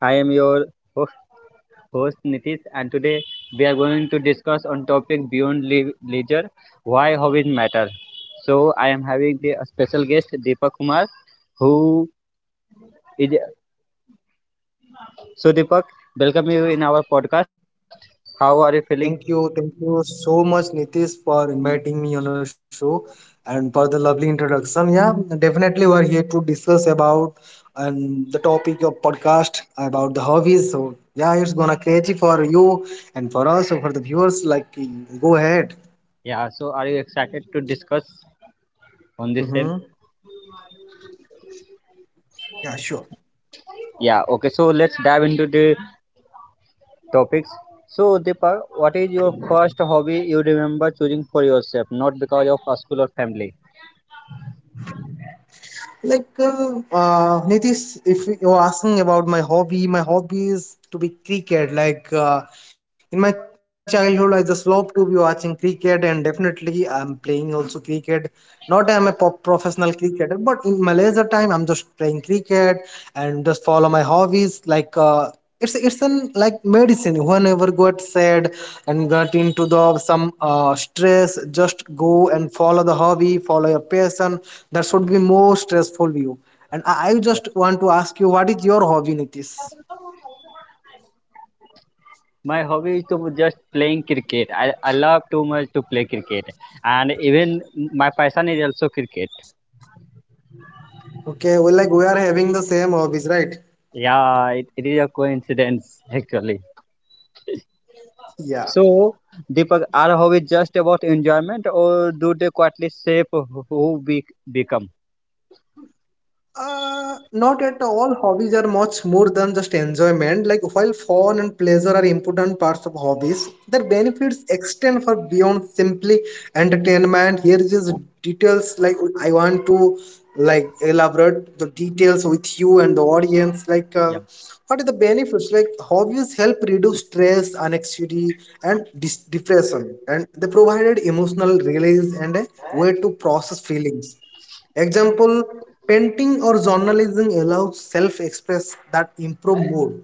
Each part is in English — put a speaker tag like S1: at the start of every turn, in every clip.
S1: I am your host, host, Nitish, and today we are going to discuss on topic beyond leisure, why hobbies matter. So I am having the a special guest Deepak Kumar who is. So Deepak, welcome you in our podcast. How are you feeling?
S2: Thank you. Thank you so much, Nitish, for inviting me on your show and for the lovely introduction. Yeah, definitely we're here to discuss about the topic of podcast about the hobbies. So yeah, it's gonna crazy for you and for us and for the viewers. Like, go ahead.
S1: Yeah, so are you excited to discuss on this same?
S2: Mm-hmm. Yeah, sure.
S1: Yeah, okay. So let's dive into the topics. So, Deepak, what is your first hobby you remember choosing for yourself, not because of a school or family?
S2: Like, Nitish, if you're asking about my hobby is to be cricket. Like in my childhood, I just loved to be watching cricket, and definitely I'm playing also cricket. Not I'm a professional cricketer, but in my leisure time, I'm just playing cricket and just follow my hobbies like. It's an like medicine whenever got sad and got into the some stress just go and follow the hobby follow your passion that should be more stressful you and I just want to ask you what is your hobby Nitish.
S1: My hobby is to just playing cricket. I love too much to play cricket, and even my passion is also cricket.
S2: Okay, well, like we are having the same hobbies, right?
S1: Yeah, it is a coincidence actually.
S2: Yeah.
S1: So, Deepak, are hobbies just about enjoyment, or do they quietly shape who we become?
S2: Not at all. Hobbies are much more than just enjoyment. Like while fun and pleasure are important parts of hobbies, their benefits extend far beyond simply entertainment. Here is just details, like I want to like elaborate the details with you and the audience. Like
S1: Yeah.
S2: what are the benefits? Like hobbies help reduce stress, anxiety, and depression, and they provided emotional release and a way to process feelings. Example, painting or journalism allows self express that improve mood.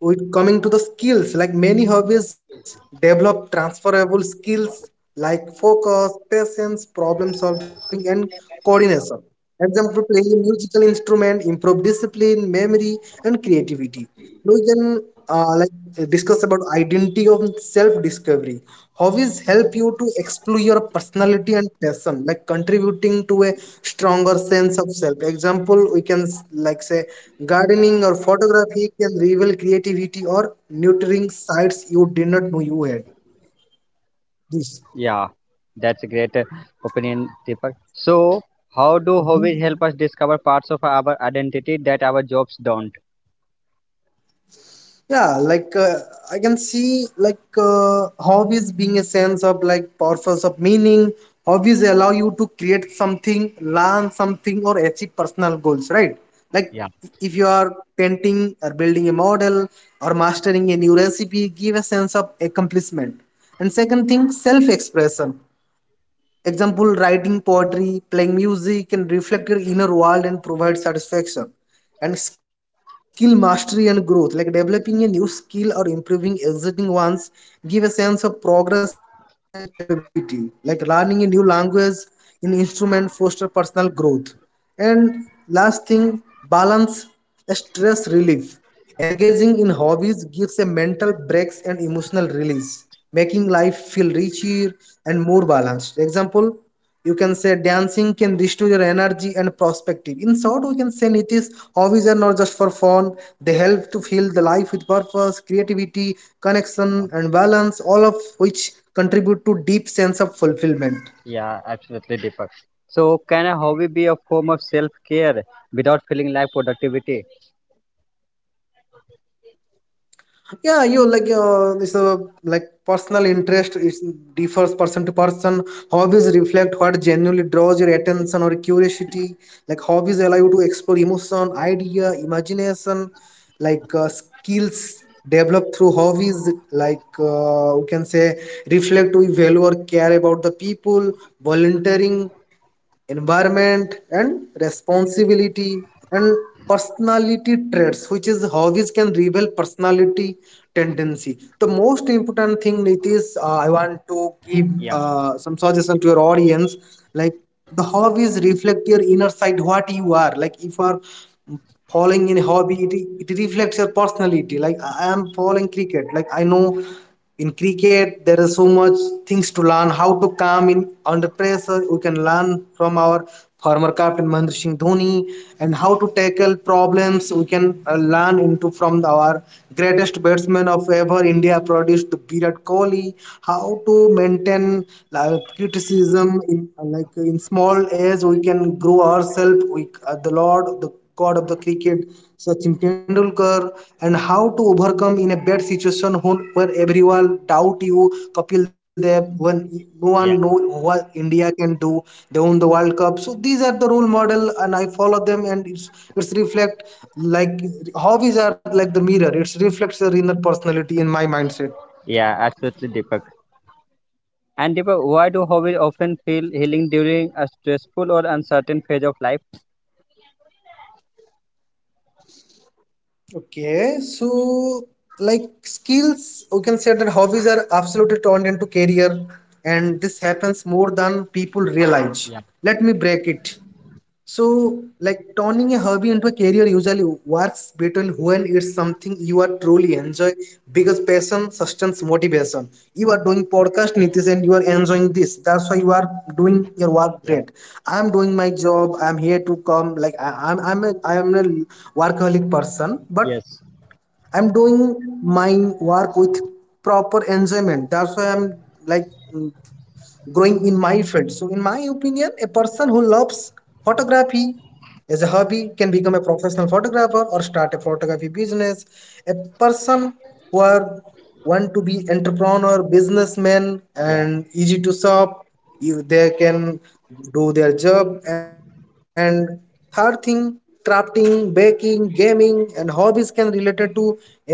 S2: With coming to the skills, like many hobbies develop transferable skills like focus, patience, problem solving, and coordination. Example, playing a musical instrument, improve discipline, memory, and creativity we can like discuss about identity of self-discovery. Hobbies help you to explore your personality and passion, like contributing to a stronger sense of self. Example, we can like say gardening or photography can reveal creativity or nurturing sides you did not know you had. Yes.
S1: Yeah, that's a great opinion, Deepak. So, how do hobbies help us discover parts of our identity that our jobs don't?
S2: Yeah, like I can see like hobbies being a sense of like purpose of meaning. Hobbies allow you to create something, learn something, or achieve personal goals, right? Like
S1: Yeah,
S2: if you are painting or building a model or mastering a new recipe give a sense of accomplishment, and second thing, self expression. Example, writing poetry, playing music can reflect your inner world and provide satisfaction. And skill mastery and growth, like developing a new skill or improving existing ones, give a sense of progress and capability. Like learning a new language, an instrument, foster personal growth. And last thing, balance, a stress relief. Engaging in hobbies gives a mental breaks and emotional release, making life feel richer and more balanced. Example, you can say dancing can restore your energy and perspective. In short, we can say Nitish, hobbies are not just for fun. They help to fill the life with purpose, creativity, connection, and balance, all of which contribute to deep sense of fulfillment.
S1: yeah, absolutely, Deepak. So, can a hobby be a form of self care without feeling like productivity?
S2: Yeah, you like this like personal interest is differs person to person. Hobbies reflect what genuinely draws your attention or curiosity. Like hobbies allow you to explore emotion idea imagination. Like skills developed through hobbies, like we reflect we value or care about the people, volunteering, environment and responsibility, and personality traits which is hobbies can reveal personality tendency. The most important thing, Nitish, I want to give
S1: Yeah,
S2: some suggestion to your audience. Like the hobbies reflect your inner side what you are. Like if you are following in hobby, it reflects your personality. Like I am following cricket. Like I know in cricket there is so much things to learn, how to calm in under pressure we can learn from our former captain Mahendra Singh Dhoni, and how to tackle problems we can learn into from our greatest batsman of ever India produced, Virat Kohli. How to maintain criticism in like in small age we can grow ourselves, we the lord, the god of the cricket, Sachin Tendulkar. And how to overcome in a bad situation when, where everyone doubt you, Kapil Dev, when no one
S1: yeah,
S2: know what India can do, they won the World Cup. So these are the role model and I follow them, and it's reflect, like hobbies are like the mirror, it's reflects your inner personality in my mindset.
S1: yeah, absolutely, Deepak. And Deepak, why do hobbies often feel healing during a stressful or uncertain phase of life?
S2: Okay, so like skills, we can say that hobbies are absolutely turned into career, and this happens more than people realize.
S1: Yeah,
S2: Let me break it. So, like turning a hobby into a career usually works better when it's something you are truly enjoy because passion sustains motivation. You are doing podcast Nitish and you are enjoying this. That's why you are doing your work
S1: yeah,
S2: great. I'm doing my job. I'm here to come. Like I am a workaholic person,
S1: yes,
S2: but I'm doing my work with proper enjoyment. That's why I'm like growing in my field. So in my opinion, a person who loves photography as a hobby, can become a professional photographer or start a photography business. A person who are want to be entrepreneur, businessman,
S1: yeah.
S2: and easy to shop, if they can do their job. And third thing, crafting, baking, gaming, and hobbies can related to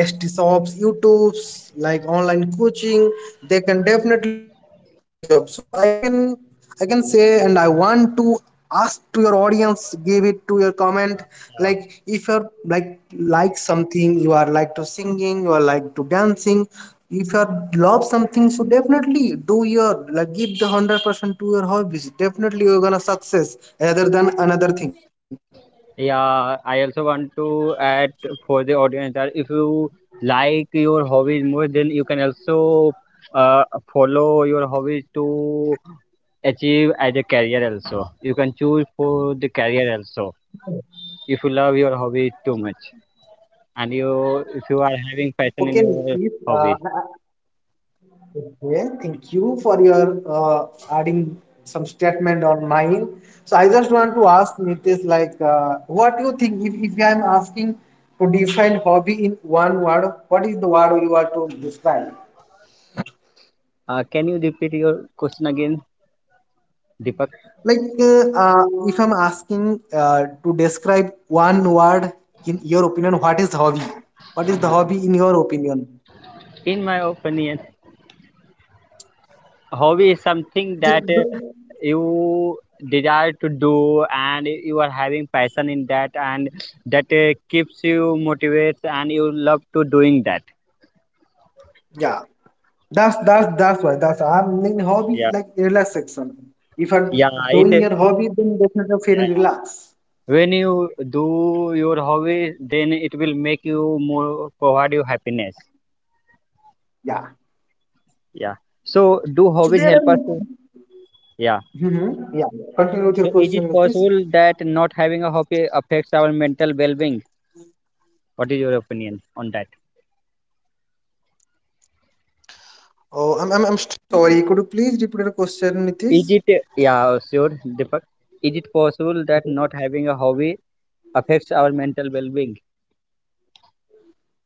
S2: ST shops, YouTube's like online coaching. They can definitely do their job. So I can say, and I want to ask to your audience, give it to your comment. Like if you're like something, you are like to singing, you are like to dancing. If you love something, so definitely do your like give the 100% to your hobbies. Definitely you're gonna success rather than another thing.
S1: Yeah, I also want to add for the audience that if you like your hobbies more, then you can also uh, follow your hobbies to achieve as a career also. You can choose for the career also if you love your hobby too much and you if you are having passion in
S2: Okay,
S1: your
S2: please.
S1: hobby.
S2: Okay, thank for your uh, adding some statement on mine. So I just want to ask Nitish, like, what do you think, if, I am asking to define hobby in one word, what is the word you are to describe?
S1: Can you repeat your question again, Deepak?
S2: Like, if I'm asking to describe one word in your opinion, what is hobby? What is the hobby in your opinion?
S1: In my opinion, hobby is something that
S2: Just the-
S1: you desire to do and you are having passion in that, and that keeps you motivates and you love to doing that.
S2: yeah. That's why. That's I'm in hobby,
S1: Yeah,
S2: like relaxation. If I'm
S1: yeah,
S2: doing
S1: it,
S2: your hobby, then definitely I'm
S1: yeah.
S2: feeling relaxed.
S1: When you do your hobby, then it will make you more provide you happiness.
S2: Yeah.
S1: Yeah, so do hobbies
S2: So
S1: help
S2: there
S1: us
S2: are.
S1: to, yeah,
S2: Mhm. Yeah. Continue with
S1: so
S2: your
S1: is it
S2: question, Nitish.
S1: possible that not having a hobby affects our mental well-being? What is your opinion on that? Is it, yeah, sure, Deepak. Is it possible that not having a hobby affects our mental well being?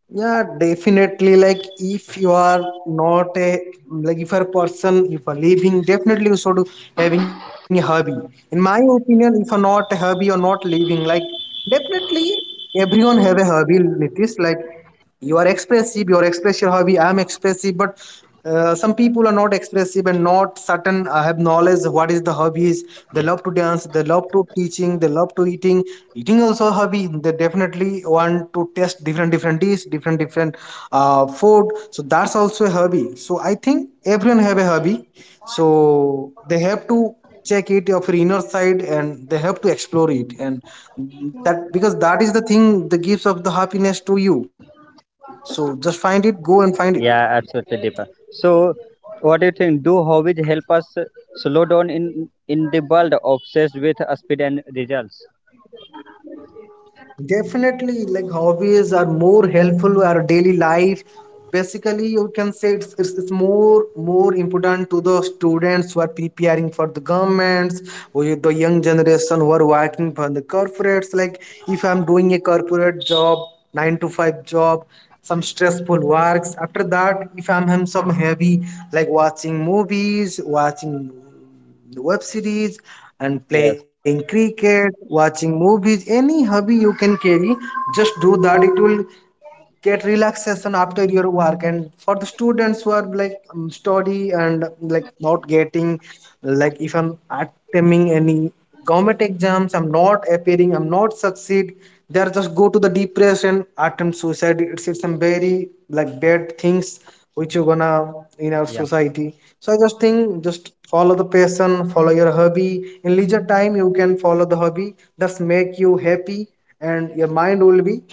S2: Yeah, definitely. Like, if you are not a, like, if you're a person, if you're living, definitely you should having a hobby. In my opinion, if you're not a hobby or not living, like, definitely everyone have a hobby. Nitish, like, you are expressive, you are express your hobby. I'm expressive, but people are not expressive and not certain have knowledge of what is the hobbies. They
S1: Yeah.
S2: love to dance, they love to teaching, they love to eating. Eating also a, they definitely want to test different different dish different different food. So that's also a hobby. So I think everyone have a hobby. So they have to check it of your inner side and they have to explore it, and that because that is the thing the gives of the happiness to you. So just find it, go and find it.
S1: Yeah, absolutely, Deepak. So, what do you think? Do hobbies help us slow down in the world obsessed with speed and results?
S2: Definitely, like hobbies are more helpful to our daily life. Basically, you can say it's more important to the students who are preparing for the governments, or the young generation who are working for the corporates. Like if I'm doing a corporate job, 9-to-5 job, some stressful works. After that, if I'm some heavy, like watching movies, watching web series
S1: Yes.
S2: and playing cricket, watching movies, any hobby you can carry, just do that, it will get relaxation after your work. And for the students who are like study and like not getting, like if I'm attending any government exams, I'm not appearing, I'm not succeed, they are just go to the depression, attempt suicide, it's some very like bad things which you gonna in our
S1: Yeah.
S2: society. So I just think, just follow the passion, follow your hobby, in leisure time you can follow the hobby that's make you happy and your mind will be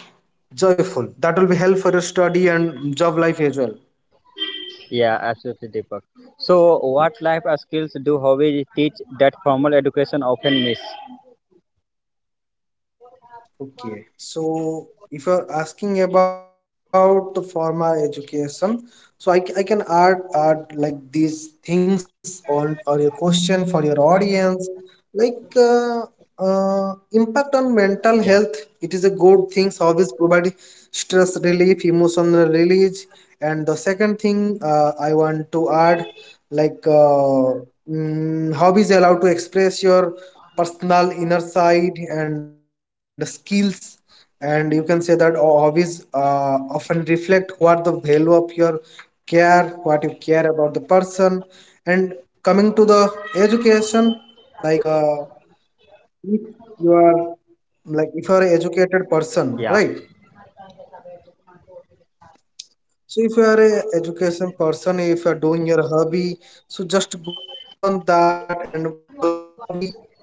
S2: joyful, that will be help for your study and job life as well.
S1: Yeah, absolutely, Deepak. So, what life skills do hobbies teach that formal education often miss?
S2: Okay, so if you're asking about the formal education, so I can add like these things on or your question for your audience, like impact on mental health.
S1: Yeah.
S2: It is a good thing. So always provide stress relief, emotional release, and the second thing I want to add, like uh, hobbies allow to express your personal inner side and skills, and you can say that hobbies often reflect what the value of your care, what you care about the person. And coming to the education, like uh, if you are, like if you are an educated person,
S1: Yeah,
S2: right? So if you are a education person, if you are doing your hobby, so just go on that and follow the hobby, and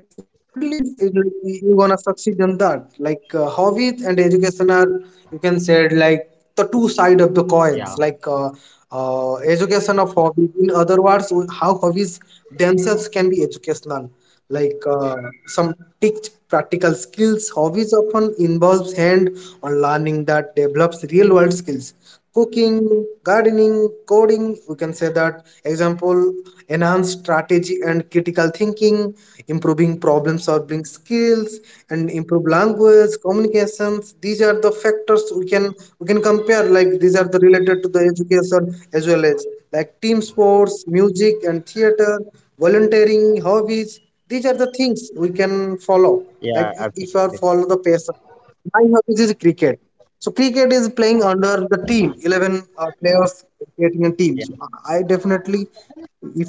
S2: you definitely you're gonna succeed on that. Like hobbies and education are, you can say it like the two side of the coins.
S1: yeah.
S2: Education of hobby. In other words, how hobbies themselves can be educational, like uh, some teach practical skills. Hobbies often involves hand on learning that develops skills, cooking, gardening, coding, we can say that example. Enhance strategy and critical thinking, improving problem solving skills, and improve language communications. These are the factors we can, we can compare, like these are the related to the education, as well as like team sports, music and theater, volunteering, hobbies. These are the things we can follow. Like
S1: Yeah,
S2: if you are
S1: absolutely.
S2: follow the passion, my hobbies is cricket. So cricket is playing under the team, 11 players creating a team. So I definitely,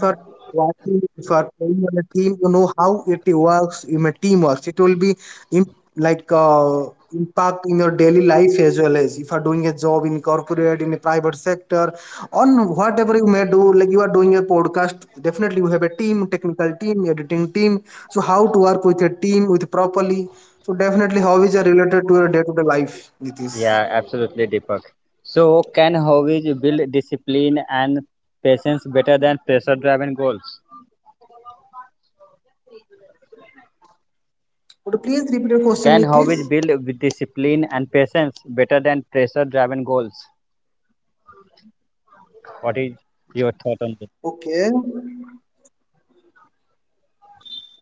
S2: if you are watching, if you are playing on a team, you know how it works in a team, teamwork. It will be in, like uh, impact in your daily life, as well as if you are doing a job in corporate, in a private sector, on whatever you may do. Like you are doing a podcast, definitely you have a team, technical team, editing team. So how to work with a team with properly. So definitely hobbies are related to your day-to-day life, Nitish.
S1: Yeah, absolutely, Deepak. So, can hobbies build discipline and patience better than pressure-driven goals?
S2: Could you please repeat your question,
S1: Can
S2: Nitish?
S1: hobbies build with discipline and patience better than pressure-driven goals? What is your thought on this?
S2: Okay.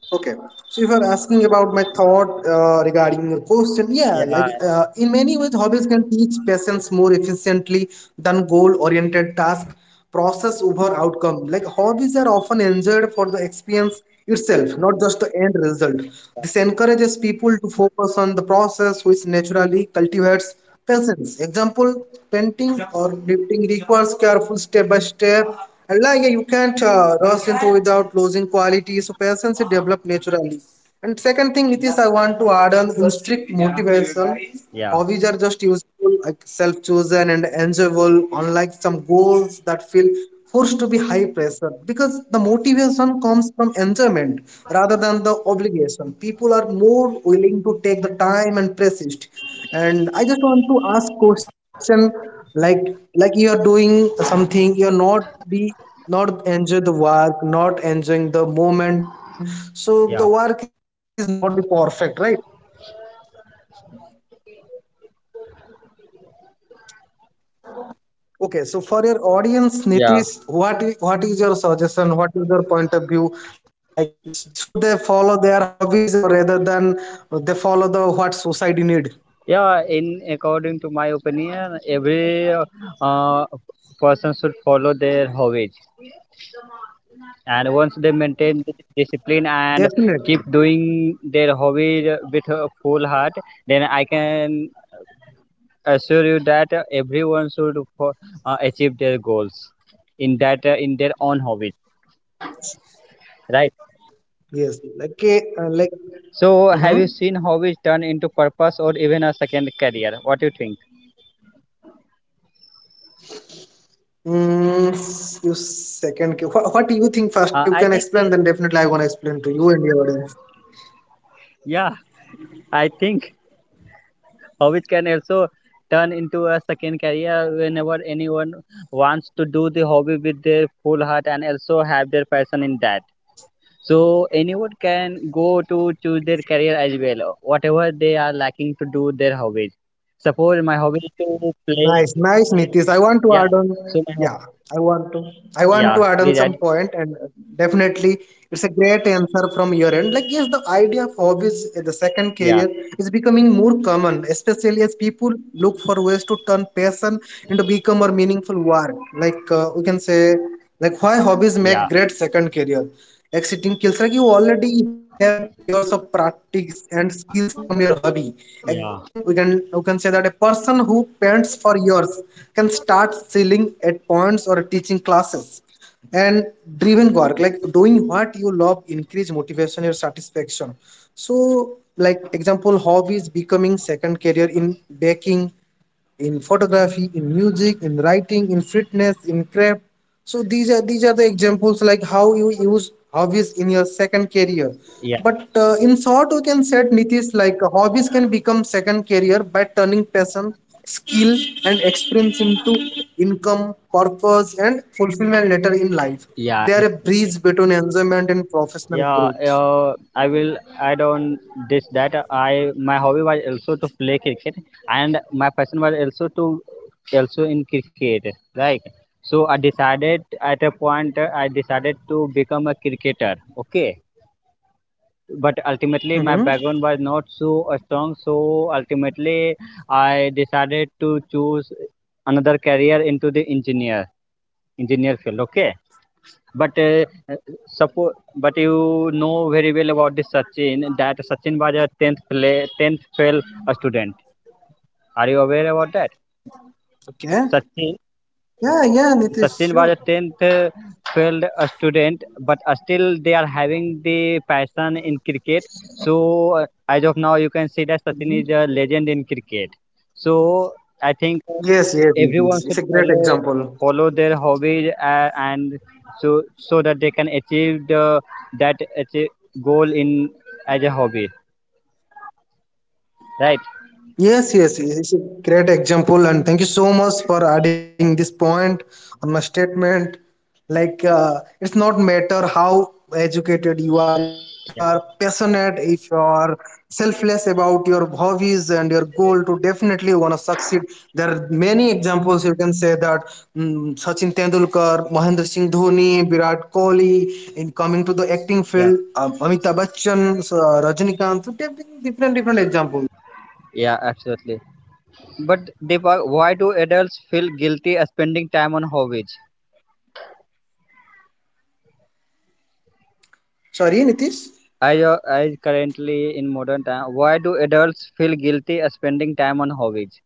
S2: Okay, so if you're asking about my thought regarding your question, yeah, like
S1: Yeah,
S2: in many ways, hobbies can teach patience more efficiently than goal-oriented task. Process over outcome. Like hobbies are often enjoyed for the experience itself, not just the end result. This encourages people focus on the process, which naturally cultivates patience. Example, painting or lifting requires careful step by step. And like you can't rush into without losing quality. So patience is develop naturally. Second thing, Nitish, I want to add on in strict motivation.
S1: yeah,
S2: Hobbies are just useful, like self-chosen and enjoyable, unlike some goals that feel forced to be high pressure. Because the motivation comes from enjoyment rather than the obligation, people are more willing to take the time and persist. And I just want to ask question, like like you are doing something, you're not enjoy the work, not enjoying the moment, so the work
S1: yeah,
S2: is not be perfect, right? Okay, so for your audience,
S1: yeah,
S2: Nitish, what what is your suggestion? What is your point of view? Like, should they follow their hobbies, or rather than they follow the what society need?
S1: yeah. In according to my opinion, every uh, person should follow their hobbies, and once they maintain the discipline and
S2: Definitely,
S1: keep doing their hobby with a full heart, then I can assure you that everyone should achieve their goals in that in their own hobby, right?
S2: yes. Like, like,
S1: So
S2: mm-hmm.
S1: have you seen hobbies turn into purpose or even a second career? What do you think?
S2: Mm, you second. What do you think first? You
S1: uh,
S2: can
S1: i think
S2: explain, then
S1: it-
S2: definitely I want to explain to you and your audience.
S1: yeah I think hobbies can also turn into a second career whenever anyone wants to do the hobby with their full heart and also have their passion in that. So anyone can go to choose their career as well, whatever they are liking to do their hobbies. Suppose my hobby is to play
S2: Nice, nice,
S1: cricket.
S2: Nitish. I want to
S1: Yeah.
S2: add on.
S1: So my
S2: Yeah,
S1: hobby,
S2: I want to. I to
S1: yeah,
S2: add on
S1: please
S2: some
S1: add.
S2: point, and definitely, it's a great answer from your end. Like, yes, the idea of hobbies, as the second
S1: Yeah,
S2: career, is becoming more common, especially as people look for ways to turn passion into become a meaningful work. Like we can say, like why hobbies make
S1: yeah,
S2: great second career. Exiting skills, like you already have years of practice and skills from your hobby.
S1: yeah,
S2: Example, we can, you can say that a person who paints for years can start selling at points or teaching classes. And driven work, like doing what you love, increase motivation, your satisfaction. So, like example, hobbies becoming second career in baking, in photography, in music, in writing, in fitness, in craft. So these are the examples like how you use hobbies in your second career.
S1: yeah,
S2: But in short, we can set Nitish like hobbies can become second career by turning passion, skill, and experience into income, purpose, and fulfillment later in life.
S1: yeah,
S2: They are a bridge between enjoyment and professional
S1: yeah.
S2: growth.
S1: I will add on this that I my hobby was also to play cricket, and my passion was also to also in cricket, right? So I decided at a point I decided to become a cricketer. Okay, but ultimately my
S2: Mm-hmm.
S1: background was not so strong, so ultimately I decided to choose another career into the engineer field. Okay, but suppose, but you know very well about this Sachin, that Sachin was a 10th play 10th fail student. Are you aware about that,
S2: Okay.
S1: Sachin?
S2: Yeah, yeah, Nitish, sure.
S1: Sachin was a 10th student, but still they are having the passion in cricket. So, as of now, you can see that Sachin is a legend in cricket. So, I think
S2: Yes, yes,
S1: everyone
S2: Nitish.
S1: should
S2: It's a great
S1: follow
S2: example.
S1: follow their hobbies and so so that they can achieve the that achieve goal in as a hobby, right?
S2: Yes, yes, yes. It's a great example, and thank you so much for adding this point on my statement. Like, it's not matter how educated you are, if you
S1: Yeah,
S2: are passionate, if you are selfless about your hobbies and your goal to definitely want to succeed. There are many, you can say that, Sachin Tendulkar, Mahendra Singh Dhoni, Virat Kohli, in coming to the acting
S1: yeah,
S2: field, Amitabh Bachchan, Rajinikanth, so, different, different examples.
S1: yeah, absolutely. But Deepak, why do adults feel guilty as spending time on hobbies?
S2: Sorry, Nitish.
S1: I currently in modern time. Why do adults feel guilty as spending time on hobbies?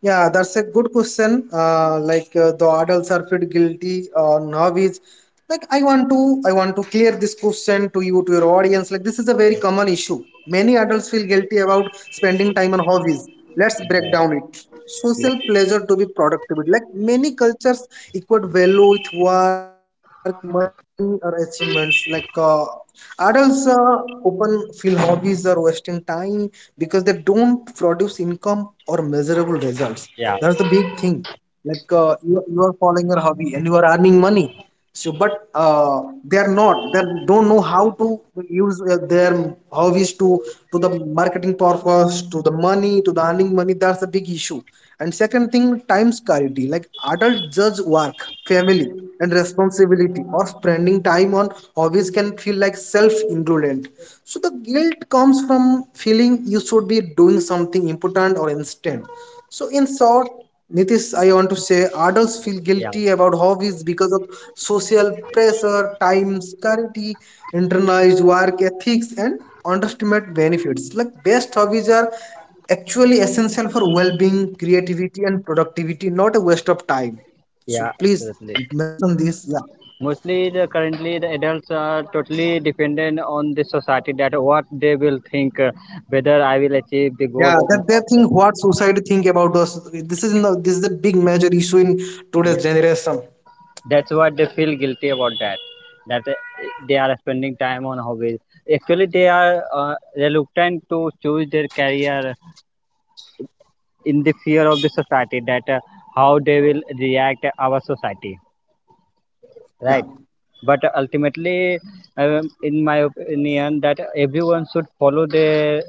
S2: Yeah, that's a good question. The adults are feel guilty on hobbies. Like I want to clear this question to you, to your audience. Like this is a very common issue. Many adults feel guilty about spending time on hobbies. Let's break down it social pleasure to be productivity. Like many cultures equate value with work, money, or achievements. Adults often feel hobbies are wasting time because they don't produce income or measurable results.
S1: Yeah,
S2: That's the big thing. Like you, you are following your hobby and you are earning money, so but they are not they don't know how to use hobbies to the marketing purpose, to the money, to the earning money. That's the big issue. And second thing, time scarcity. Like adult judge work, family, and responsibility, or spending time on hobbies can feel like self-indulgent. So the comes from feeling you should be doing something important or instant. So in short, Nitish, I want to say adults feel
S1: yeah,
S2: guilty about hobbies because of social pressure, time scarcity, internalized work ethics, and underestimate benefits. Like best hobbies are actually essential for well-being, creativity, and productivity, not a waste of time.
S1: yeah,
S2: So please
S1: absolutely.
S2: mention this. Yeah.
S1: Mostly, the, currently the adults are totally dependent on the society that what they will think, whether I will achieve the goal
S2: Yeah,
S1: or
S2: that they
S1: not.
S2: think what society think about us. This is the, this is a big major issue in
S1: Yeah,
S2: today's generation.
S1: that's what they feel guilty about. That. That they are spending time on hobbies. Actually, they are reluctant to choose their career in the fear of the society that how they will react our society, right?
S2: Yeah.
S1: But ultimately in my opinion that everyone should follow their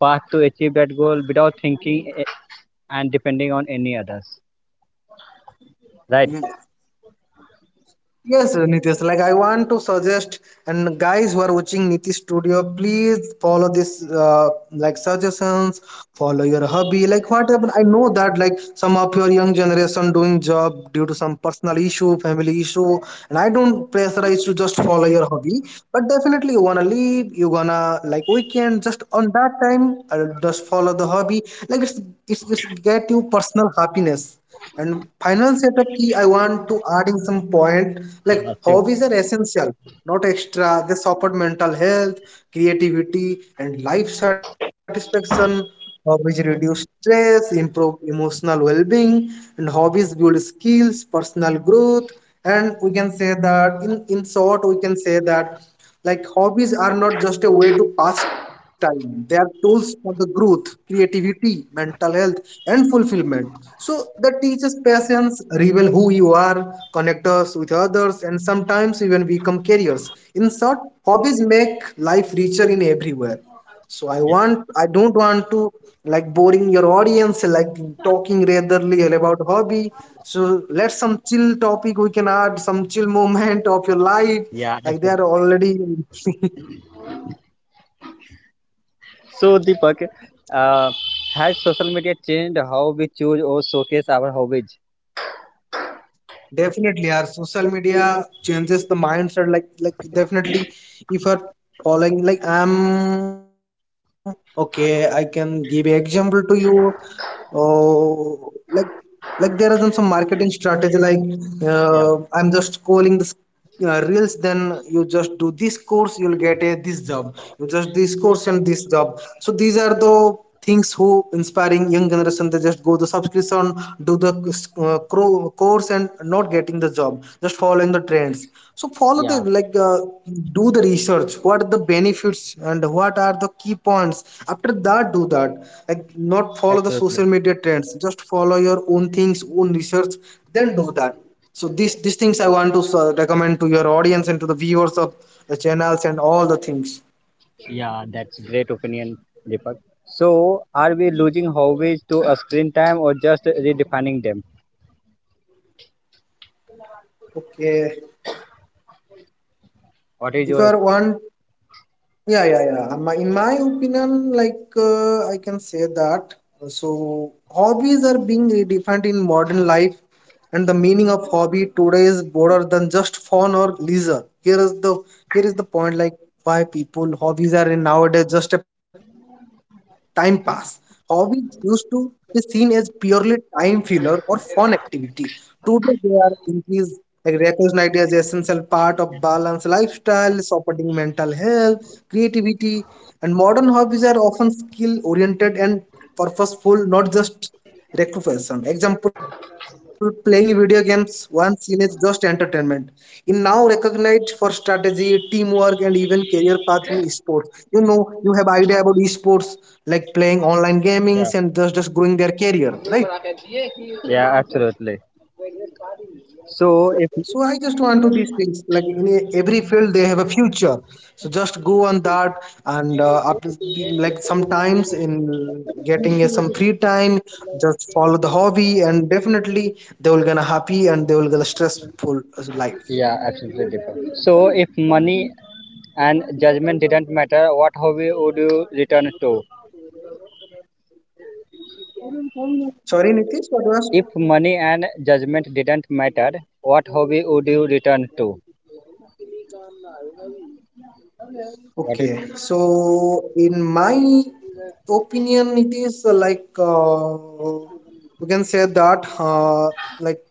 S1: path to achieve that goal without thinking and depending on any others, right?
S2: Yes, Nitish. Like I want to suggest, and guys who are watching Nitish Studio, please follow this like suggestions. Follow your hobby. Like what happened? I know that like some of your young generation doing job due to some personal issue, family issue, and I don't pressurize you, just follow your hobby. But definitely you wanna leave. You gonna like weekend, just on that time. Just follow the hobby. Like it's, it's get you personal happiness. And final setup key, I want to adding some point,
S1: Yeah,
S2: like
S1: sure.
S2: hobbies are essential, not extra. They support mental health, creativity, and life satisfaction. Hobbies reduce stress, improve emotional well-being, and hobbies build skills, personal growth. And we can say that in short, we can say that like hobbies are not just a way to pass time, they are tools for the growth, creativity, mental health, and fulfillment. So they teach us patience, reveal who you are, connect us with others, and sometimes even become careers. In short, hobbies make life richer in everywhere. So I want, I don't want to like boring your audience like talking ratherly about hobby. So let some chill topic, we can add some chill moment of your life
S1: Yeah,
S2: like they
S1: absolutely.
S2: are already
S1: So Deepak, uh, has social media changed how we choose or showcase our hobbies?
S2: definitely our social media changes the mindset. Like definitely if you're following, like I'm okay, I can give example to you. Oh, like there are some marketing strategy, like
S1: Yeah,
S2: I'm just calling this reels. Then you just do this course, you'll get a this job. You just this course and this job. So these are the things who inspiring young generation. They just go the subscription, do the course, and not getting the job, just following the trends. So follow
S1: yeah,
S2: the like do the research, what are the benefits and what are the key points, after that do that. Like not follow the
S1: absolutely.
S2: social media trends, just follow your own things, own research, then do that. So these things I want to recommend to your audience and to the viewers of the channels and all the things.
S1: Yeah, that's great opinion, Deepak. So are we losing hobbies to a screen time or just redefining them?
S2: Okay.
S1: What is
S2: If you
S1: your,
S2: are want, yeah, yeah, yeah. In my opinion, like I can say that so hobbies are being redefined in modern life, and the meaning of hobby today is broader than just fun or leisure. Here is the point, like why people hobbies are in nowadays just a time pass. Hobbies used to be seen as purely time filler or fun activity. Today they are increased, like recognized as essential part of balanced lifestyle, supporting mental health, skills, creativity, and modern hobbies are often skill oriented and purposeful, not just recreation. Example, playing video games once seen as just entertainment. In now recognized for strategy, teamwork, and even career path in esports. You know, you have idea about esports, like playing online gamings and
S1: yeah.
S2: just growing their career, right?
S1: Yeah, absolutely. So if,
S2: So I just want to these things like in every field they have a future. So just go on that and after, like sometimes in getting a, some free time, just follow the hobby, and definitely they will gonna happy and they will gonna stressful as life.
S1: yeah, absolutely different. So if money and judgment didn't matter, what hobby would you return to?
S2: Sorry, Nitish, what was?
S1: If money and judgment didn't matter, what hobby would you return to? What
S2: Okay,
S1: it?
S2: so in my opinion, it is like we can say that like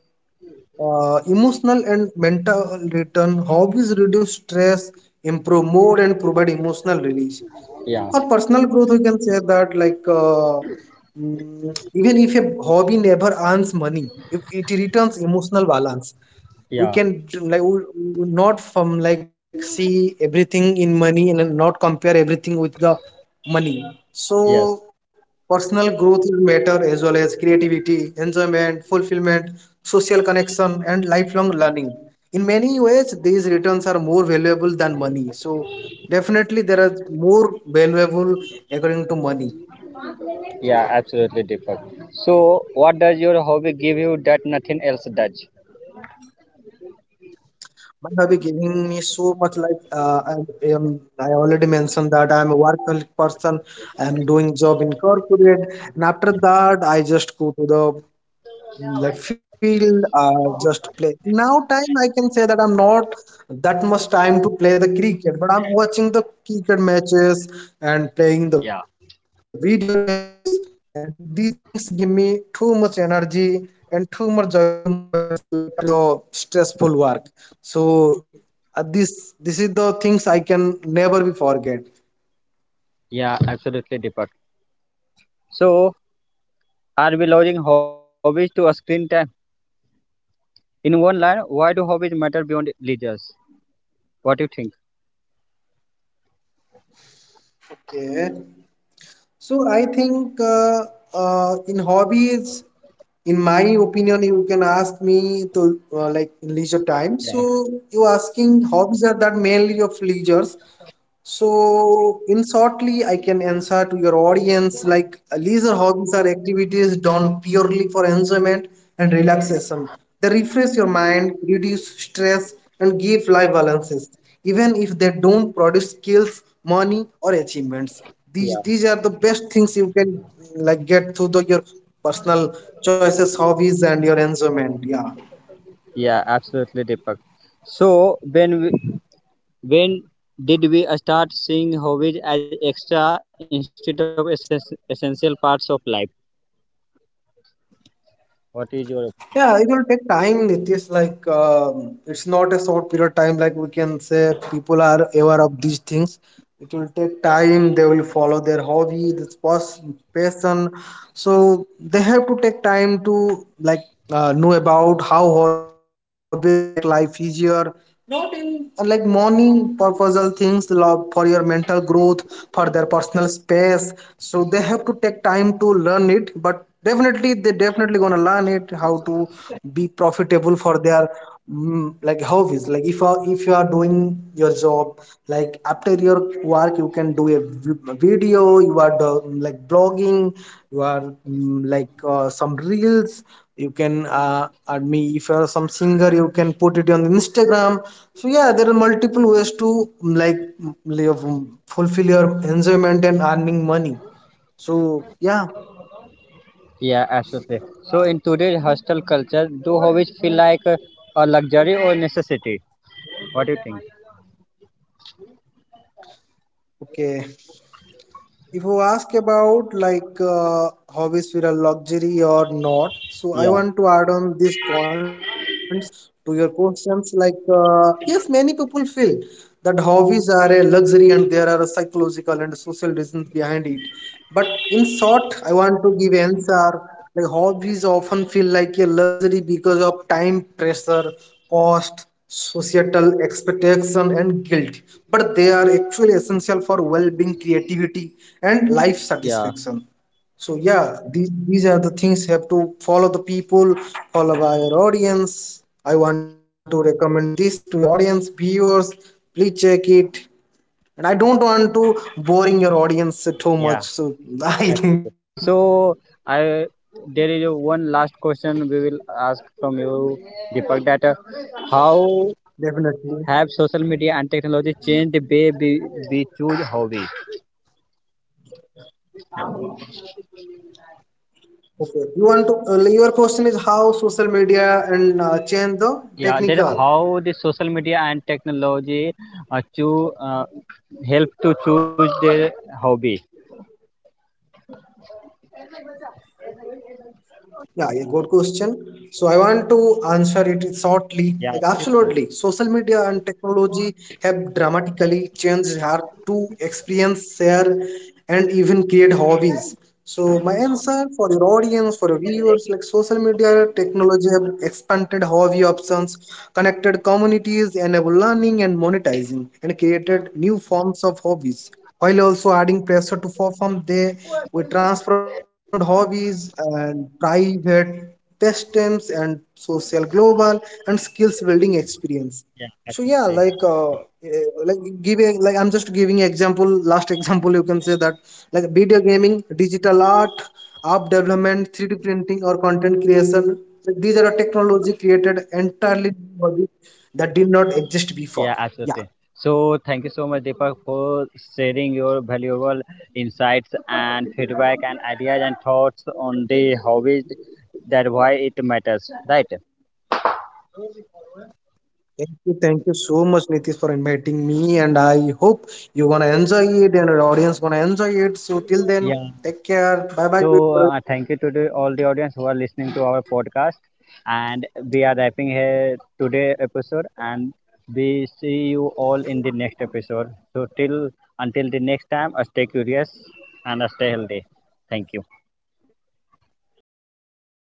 S2: Emotional and mental return hobbies reduce stress, improve mood, and provide emotional release.
S1: Yeah,
S2: For personal growth, we can say that like even if a hobby never earns money, if it returns emotional balance, we
S1: yeah,
S2: can like we not from like see everything in money, and then not compare everything with the money. So
S1: yes,
S2: personal growth will matter, as well as creativity, enjoyment, fulfillment, social connection, and lifelong learning. In many ways these returns are more valuable than money, so definitely there are more valuable according to money.
S1: yeah, absolutely different. So what does your hobby give you that nothing else does?
S2: My hobby giving me so much, like I already mentioned that I'm a workaholic person. I'm doing job in corporate, and after that I just go to the left field, just play. Now time I can say that I'm not that much time to play the cricket, but I'm watching the cricket matches and
S1: Yeah,
S2: playing the video games, and these things give me too much energy and too much joyful moments, like after the stressful work. So this is the things I can never be forget.
S1: yeah, absolutely different. So are we lowering hobbies to a screen time? In one line, why do hobbies matter beyond leisures? What do you think?
S2: So I think in hobbies in my me to like in leisure time.
S1: Yeah,
S2: So you asking hobbies are that mainly of leisures. So, in shortly, I can answer to your audience like leisure hobbies are activities done purely for enjoyment and relaxation. They refresh your mind, reduce stress, and give life balances, even if they don't produce skills, money, or achievements. These,
S1: yeah,
S2: these are the best things you can like get through the, your personal choices, hobbies, and your enjoyment. Yeah.
S1: yeah, absolutely, Deepak. So when we, when did we start seeing hobbies as extra instead of essential parts of life? What is your opinion?
S2: Yeah, it will take time. It is like it's not a short period time. Like we can say, people are aware of these things. It will take time. They will follow their hobby, this passion. So they have to take time to like know about how hobbies make life easier, not in like morning purposeful things, love for your mental growth, for their personal space. They have to take time to learn it, but definitely they definitely gonna learn it how to be profitable for their like hobbies. If if you are doing your job, like after your work you can do a video, you are do, like blogging, you are like some reels, you can add me. If you are some singer, you can put it on Instagram. So yeah, there are multiple ways to live fulfill your enjoyment and earning money. So yeah.
S1: Yeah, absolutely. So in today's hostile culture, do hobbies feel like a luxury or necessity? What do you think?
S2: Okay, if you ask about like hobbies with a luxury or not, so I
S1: Yeah,
S2: want to add on these points to your questions, like yes, many people feel that hobbies are a luxury, and there are psychological social reasons behind it. But in short, I want to give answer like hobbies often feel like a luxury because of time pressure, cost, societal expectation, and guilt. But they are actually essential for well-being, creativity, and life
S1: yeah.
S2: satisfaction. So yeah, these are the things you have to follow the people, follow by your audience. I want to recommend this to your audience, viewers. Please check it, and I don't want to boring your audience too much,
S1: Yeah,
S2: so I think
S1: absolutely. So I there is a one last question we will ask from you, Deepak. That how
S2: definitely.
S1: have social media and technology changed the way we choose hobby?
S2: Okay, you want to your question is how social media and change the
S1: Yeah, that
S2: technical.
S1: how the social media and technology to help to choose their hobby.
S2: Yeah, yeah, good question. So I want to answer it shortly.
S1: Yeah, I
S2: Like,
S1: think so.
S2: absolutely, social media and technology have dramatically changed how to experience, share, and even create hobbies. So my answer for your audience, for your viewers, like social media technology have expanded hobby options, connected communities, enabled learning and monetizing, and created new forms of hobbies while also adding pressure to perform. They were transformed hobbies and private pastimes and social global and skills building experience.
S1: Yeah,
S2: So
S1: I think
S2: yeah, like
S1: so.
S2: like giving, like I'm just giving example. Last example, you can say that like video gaming, digital art, app development, 3D printing, or content creation. Like, these are a technology created entirely new hobbies that did not exist
S1: Yeah,
S2: before.
S1: absolutely.
S2: Yeah.
S1: So thank you so much, Deepak, for sharing your valuable insights and feedback and ideas and thoughts on the hobbies that why it matters, right?
S2: Thank you so much, Nitish, for inviting me, and I hope you gonna enjoy it and our audience gonna enjoy it. So till then,
S1: Yeah.
S2: take care. Bye bye.
S1: So thank you to the, all the audience who are listening to our podcast, and we are wrapping here today episode, and we see you all in the next episode. So till until the next time, stay curious and stay healthy. Thank you.
S2: Thank you.